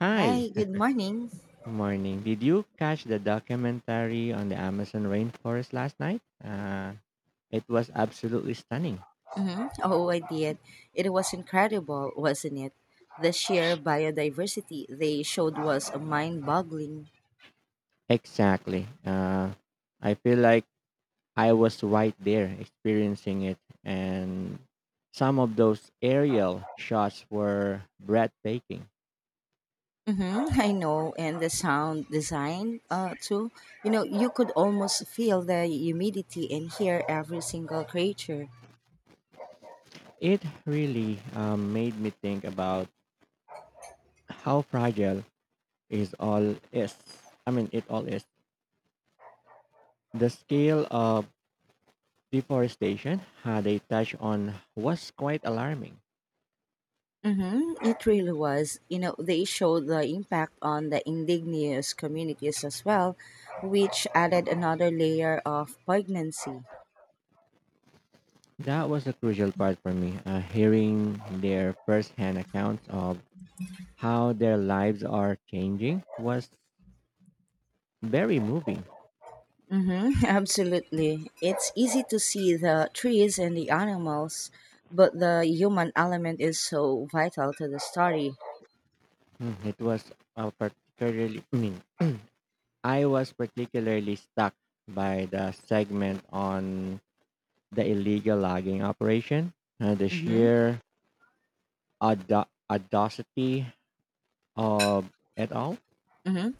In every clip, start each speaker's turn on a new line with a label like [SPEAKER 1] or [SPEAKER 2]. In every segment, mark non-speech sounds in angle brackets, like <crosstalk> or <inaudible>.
[SPEAKER 1] Hi,
[SPEAKER 2] Hi, good
[SPEAKER 1] <laughs>
[SPEAKER 2] morning.
[SPEAKER 1] morning. Did you catch the documentary on the Amazon rainforest last night? It was absolutely stunning.
[SPEAKER 2] Oh, I did. It was incredible, wasn't it? The sheer biodiversity they showed was mind boggling.
[SPEAKER 1] Exactly. I feel like I was right there experiencing it, and some of those aerial shots were breathtaking.
[SPEAKER 2] Mm-hmm, <laughs> I know, and the sound design too. You know, you could almost feel the humidity and hear every single creature.
[SPEAKER 1] It really made me think about how fragile is all is. I mean, it all is. The scale of deforestation they touched on was quite alarming.
[SPEAKER 2] Mm-hmm, it really was. You know, they showed the impact on the indigenous communities as well, which added another layer of poignancy.
[SPEAKER 1] That was the crucial part for me, hearing their firsthand accounts of how their lives are changing was very moving.
[SPEAKER 2] Mm-hmm, <laughs> absolutely. It's easy to see the trees and the animals, but the human element is so vital to the story.
[SPEAKER 1] Mm, it was uh, particularly, I mean, I was particularly stuck by the segment on the illegal logging operation, the
[SPEAKER 2] Mm-hmm,
[SPEAKER 1] sheer audacity of it all.
[SPEAKER 2] mm-hmm.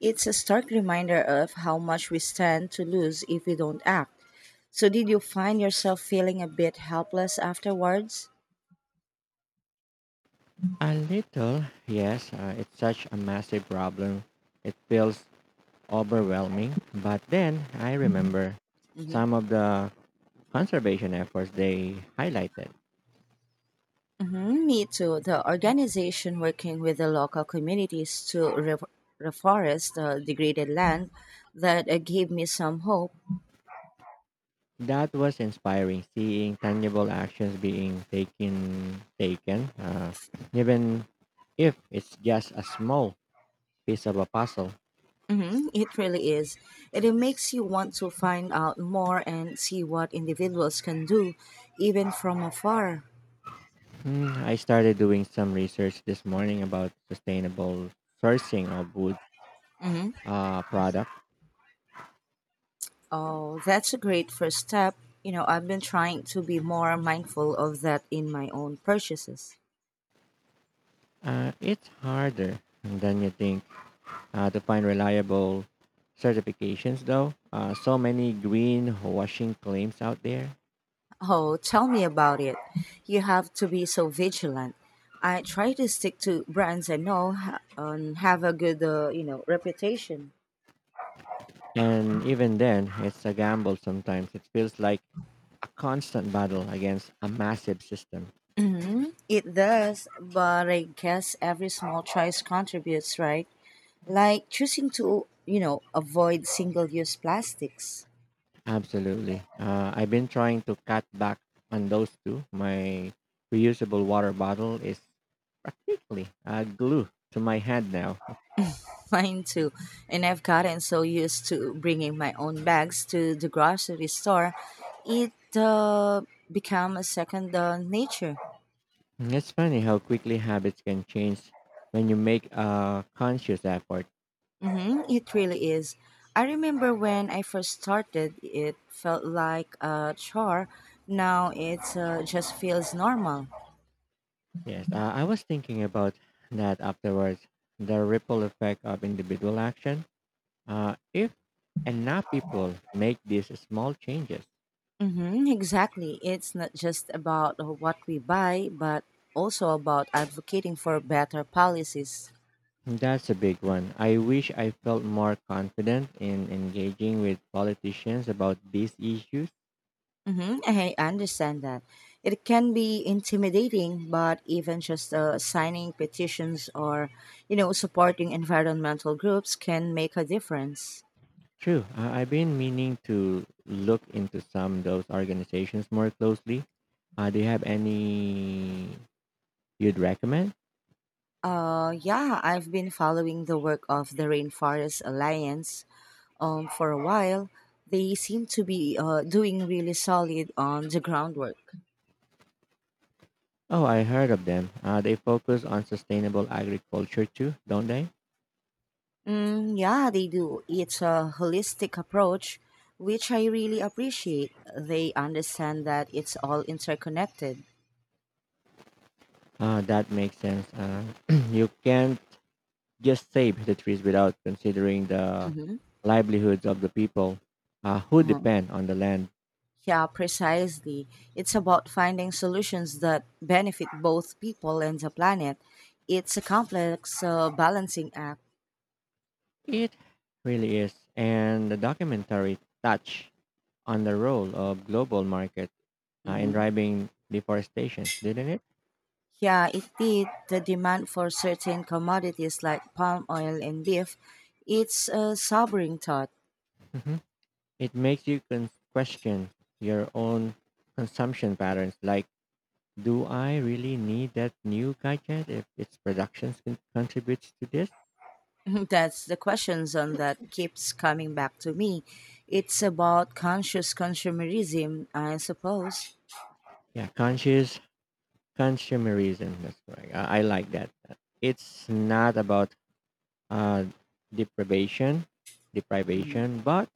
[SPEAKER 2] It's a stark reminder of how much we stand to lose if we don't act. So, did you find yourself feeling a bit helpless afterwards?
[SPEAKER 1] A little, yes. It's such a massive problem. It feels overwhelming. But then I remember
[SPEAKER 2] Mm-hmm.
[SPEAKER 1] some of the conservation efforts they highlighted.
[SPEAKER 2] Mm-hmm, me too. The organization working with the local communities to reforest degraded land that gave me some hope.
[SPEAKER 1] That was inspiring, seeing tangible actions being taken, even if it's just a small piece of a puzzle.
[SPEAKER 2] It really is. And it makes you want to find out more and see what individuals can do, even from afar.
[SPEAKER 1] Hmm, I started doing some research this morning about sustainable sourcing of wood
[SPEAKER 2] hmm
[SPEAKER 1] products.
[SPEAKER 2] Oh, that's a great first step. You know, I've been trying to be more mindful of that in my own purchases.
[SPEAKER 1] It's harder than you think to find reliable certifications, though. So many greenwashing claims out there.
[SPEAKER 2] Oh, tell me about it. You have to be so vigilant. I try to stick to brands I and have a good, you know, reputation.
[SPEAKER 1] And even then, it's a gamble sometimes. It feels like a constant battle against a massive system.
[SPEAKER 2] It does, but I guess every small choice contributes, right? Like choosing to, you know, avoid single use plastics.
[SPEAKER 1] Absolutely. I've been trying to cut back on those too. My reusable water bottle is quickly glue to my head now.
[SPEAKER 2] <laughs> Mine too, and I've gotten so used to bringing my own bags to the grocery store. It become a second nature.
[SPEAKER 1] It's funny how quickly habits can change when you make a conscious effort.
[SPEAKER 2] It really is. I remember when I first started it felt like a chore. Now it just feels normal.
[SPEAKER 1] Yes, I was thinking about that afterwards. The ripple effect of individual action. If enough people make these small changes,
[SPEAKER 2] Mm-hmm, exactly. It's not just about what we buy, but also about advocating for better policies.
[SPEAKER 1] that's a big one. I wish I felt more confident in engaging with politicians about these issues.
[SPEAKER 2] Mm-hmm, I understand that. It can be intimidating, but even just signing petitions or, you know, supporting environmental groups can make a difference.
[SPEAKER 1] True, I've been meaning to look into some of those organizations more closely. Do you have any you'd recommend?
[SPEAKER 2] Yeah, I've been following the work of the Rainforest Alliance for a while. They seem to be doing really solid on the groundwork.
[SPEAKER 1] Oh, I heard of them. They focus on sustainable agriculture too, don't they?
[SPEAKER 2] Mm, yeah, they do. It's a holistic approach, which I really appreciate. They understand that it's all interconnected.
[SPEAKER 1] That makes sense. <clears throat> You can't just save the trees without considering the
[SPEAKER 2] hmm
[SPEAKER 1] livelihoods of the people who
[SPEAKER 2] hmm
[SPEAKER 1] depend on the land.
[SPEAKER 2] Yeah, precisely. It's about finding solutions that benefit both people and the planet. It's a complex balancing act.
[SPEAKER 1] It really is. And the documentary touched on the role of global market in
[SPEAKER 2] hmm
[SPEAKER 1] driving deforestation, didn't it?
[SPEAKER 2] Yeah, indeed, the demand for certain commodities like palm oil and beef, it's a sobering thought.
[SPEAKER 1] Hmm. It makes you question your own consumption patterns. Like, do I really need that new gadget if its productions contributes to this?
[SPEAKER 2] <laughs> That's the questions on that keeps coming back to me. It's about conscious consumerism, I suppose.
[SPEAKER 1] Yeah, conscious consumerism, that's correct. I like that. It's not about uh, deprivation, deprivation, but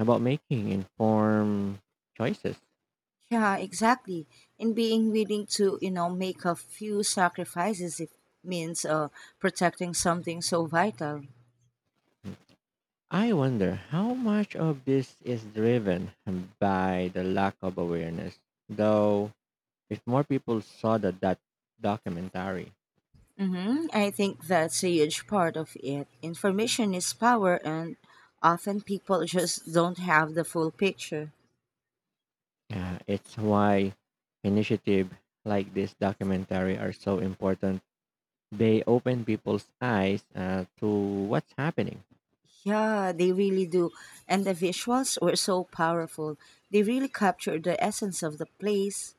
[SPEAKER 1] about making informed choices.
[SPEAKER 2] Yeah, exactly. And being willing to, you know, make a few sacrifices if means protecting something so vital.
[SPEAKER 1] I wonder how much of this is driven by the lack of awareness. Though, if more people saw that documentary,
[SPEAKER 2] Mm-hmm. I think that's a huge part of it. Information is power, and often people just don't have the full picture.
[SPEAKER 1] it's why initiative like this documentary are so important. They open people's eyes to what's happening.
[SPEAKER 2] Yeah, they really do. And the visuals were so powerful. They really captured the essence of the place.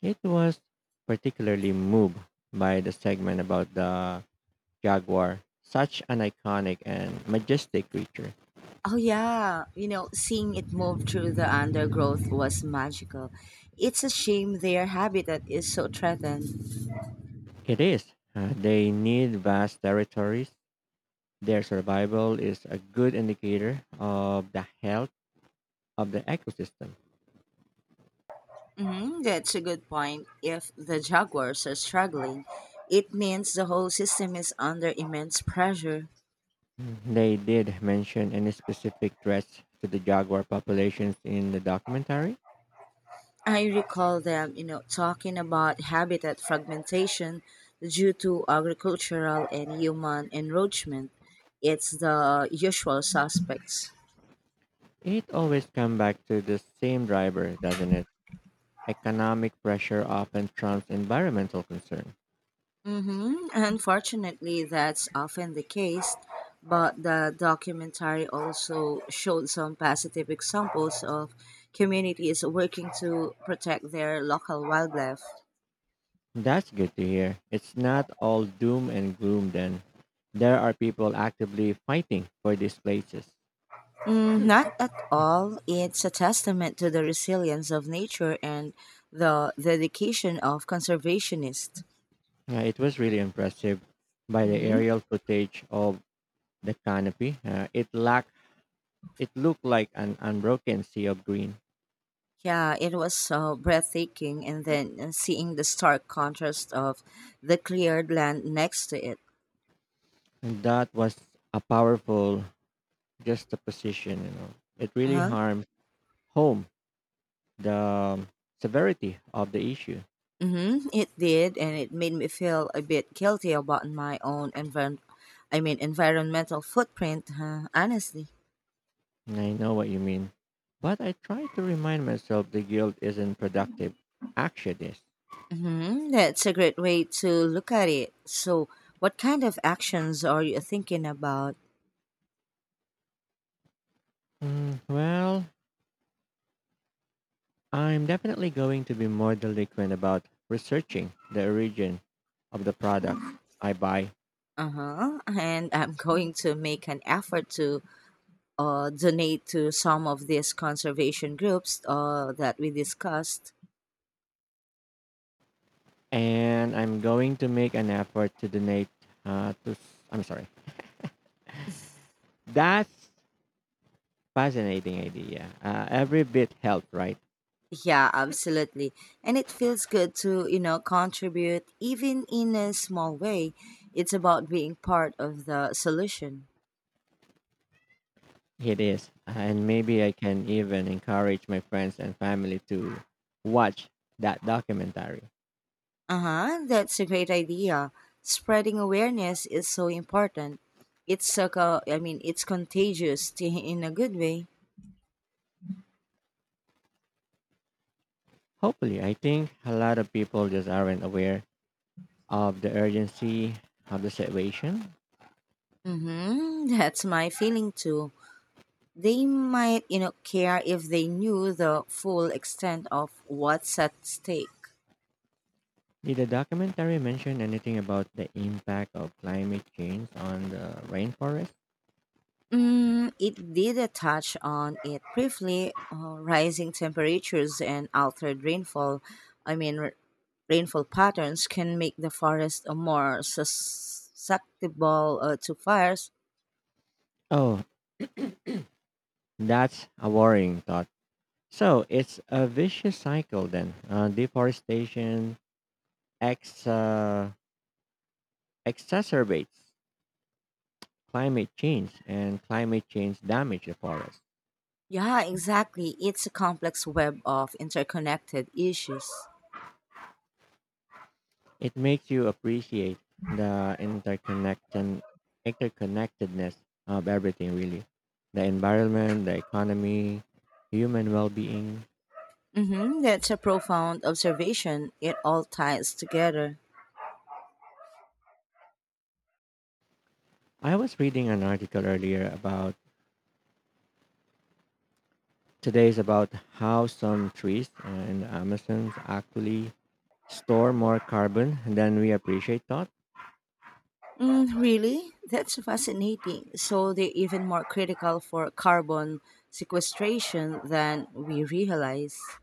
[SPEAKER 1] It was particularly moved by the segment about the jaguar, such an iconic and majestic creature.
[SPEAKER 2] Oh, yeah. You know, seeing it move through the undergrowth was magical. It's a shame their habitat is so threatened.
[SPEAKER 1] It is. They need vast territories. Their survival is a good indicator of the health of the ecosystem.
[SPEAKER 2] That's a good point. If the jaguars are struggling, it means the whole system is under immense pressure.
[SPEAKER 1] They did mention any specific threats to the jaguar populations in the documentary.
[SPEAKER 2] I recall them, you know, talking about habitat fragmentation due to agricultural and human encroachment. It's the usual suspects.
[SPEAKER 1] It always comes back to the same driver, doesn't it? Economic pressure often trumps environmental concern.
[SPEAKER 2] Unfortunately, that's often the case, but the documentary also showed some positive examples of communities working to protect their local wildlife.
[SPEAKER 1] That's good to hear. It's not all doom and gloom then. There are people actively fighting for these places.
[SPEAKER 2] Mm, not at all. It's a testament to the resilience of nature and the dedication of conservationists.
[SPEAKER 1] It was really impressive by the
[SPEAKER 2] hmm
[SPEAKER 1] aerial footage of the canopy. It lacked it looked like an unbroken sea of green.
[SPEAKER 2] Yeah, it was so breathtaking, and then seeing the stark contrast of the cleared land next to it.
[SPEAKER 1] And that was a powerful juxtaposition, It really
[SPEAKER 2] Uh-huh.
[SPEAKER 1] harmed home the severity of the issue.
[SPEAKER 2] Mm-hmm. It did, and it made me feel a bit guilty about my own I mean, environmental footprint. Huh, honestly.
[SPEAKER 1] I know what you mean. But I try to remind myself the guilt isn't productive. Action is.
[SPEAKER 2] That's a great way to look at it. So, what kind of actions are you thinking about?
[SPEAKER 1] Mm, well, I'm definitely going to be more delinquent about researching the origin of the products I buy.
[SPEAKER 2] Uh huh. And <laughs> I'm going to make an effort to donate to some of these conservation groups that we discussed.
[SPEAKER 1] And I'm going to make an effort to donate to. I'm sorry. That's fascinating idea. Every bit helps, right?
[SPEAKER 2] Yeah, absolutely. And it feels good to, you know, contribute even in a small way. It's about being part of the solution.
[SPEAKER 1] It is. And maybe I can even encourage my friends and family to watch that documentary.
[SPEAKER 2] Uh huh, that's a great idea. Spreading awareness is so important. It's a I mean, it's contagious <laughs> in a good way.
[SPEAKER 1] Hopefully, I think a lot of people just aren't aware of the urgency of the situation.
[SPEAKER 2] Mm-hmm, that's my feeling too. They might, you know, care if they knew the full extent of what's at stake.
[SPEAKER 1] Did the documentary mention anything about the impact of climate change on the rainforest?
[SPEAKER 2] Mm, it did a touch on it briefly. Rising temperatures and altered rainfall, I mean, rainfall patterns can make the forest more susceptible to fires.
[SPEAKER 1] Oh, that's a worrying thought. So it's a vicious cycle then. Deforestation ex- uh, exacerbates climate change, and climate change damages the forest.
[SPEAKER 2] Yeah, exactly. It's a complex web of interconnected issues.
[SPEAKER 1] It makes you appreciate the interconnectedness of everything, really. The environment, the economy, human well being.
[SPEAKER 2] Mm-hmm, that's a profound observation. It all ties together.
[SPEAKER 1] I was reading an article earlier about today's about how some trees in the Amazons actually store more carbon than we appreciate thought.
[SPEAKER 2] Mm, really? That's fascinating. So they're even more critical for carbon sequestration than we realize.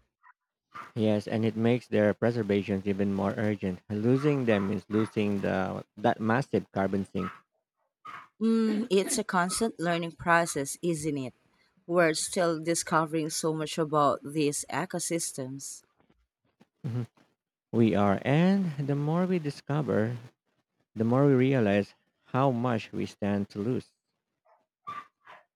[SPEAKER 1] Yes, and it makes their preservation even more urgent. Losing them is losing the that massive carbon sink.
[SPEAKER 2] Mm, it's a constant learning process, isn't it? We're still discovering so much about these ecosystems.
[SPEAKER 1] Mhm. We are, and the more we discover, the more we realize how much we stand to lose.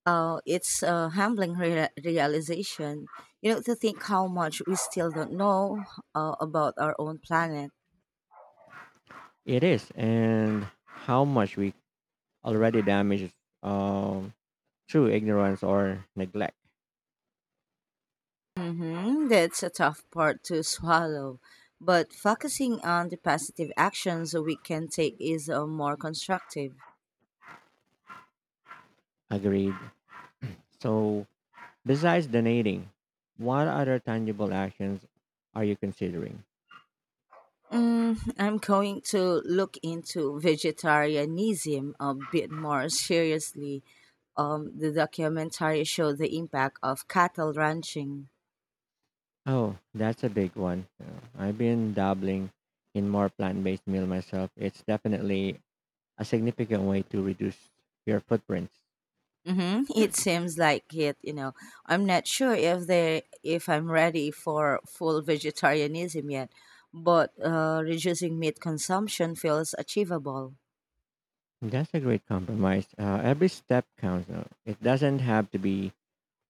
[SPEAKER 2] It's a humbling realization, you know, to think how much we still don't know about our own planet.
[SPEAKER 1] It is, and how much we already damaged um, through ignorance or neglect.
[SPEAKER 2] Mm-hmm. That's a tough part to swallow. But focusing on the positive actions we can take is more constructive.
[SPEAKER 1] Agreed. So, besides donating, what other tangible actions are you considering?
[SPEAKER 2] Mm, I'm going to look into vegetarianism a bit more seriously. The documentary showed the impact of cattle ranching.
[SPEAKER 1] Oh, that's a big one. Yeah. I've been dabbling in more plant based meal myself. It's definitely a significant way to reduce your footprints.
[SPEAKER 2] Mm-hmm. It seems like it, you know. I'm not sure if I'm ready for full vegetarianism yet, but reducing meat consumption feels achievable.
[SPEAKER 1] That's a great compromise. Every step counts. It doesn't have to be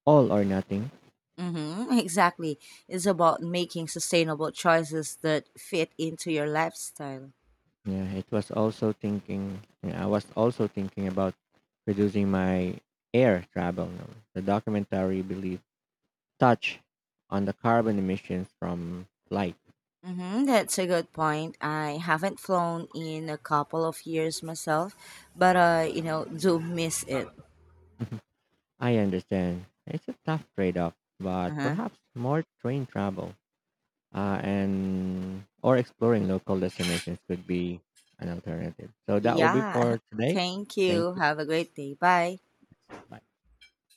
[SPEAKER 1] all or nothing.
[SPEAKER 2] Mm-hmm. <laughs> Exactly. It's about making sustainable choices that fit into your lifestyle.
[SPEAKER 1] Yeah, it was also thinking. Yeah, I was also thinking about producing my air travel. Now. The documentary believe touch on the carbon emissions from flight.
[SPEAKER 2] Mm-hmm. That's a good point. I haven't flown in a couple of years myself, but you know, do miss it.
[SPEAKER 1] I understand it's a tough trade-off, but
[SPEAKER 2] Uh-huh.
[SPEAKER 1] perhaps more train travel and or exploring local destinations could be an alternative. So that will be
[SPEAKER 2] Yeah.
[SPEAKER 1] for
[SPEAKER 2] <laughs>
[SPEAKER 1] today.
[SPEAKER 2] Thank
[SPEAKER 1] Thank
[SPEAKER 2] you.
[SPEAKER 1] you.
[SPEAKER 2] Have a great day. Bye.
[SPEAKER 1] Bye.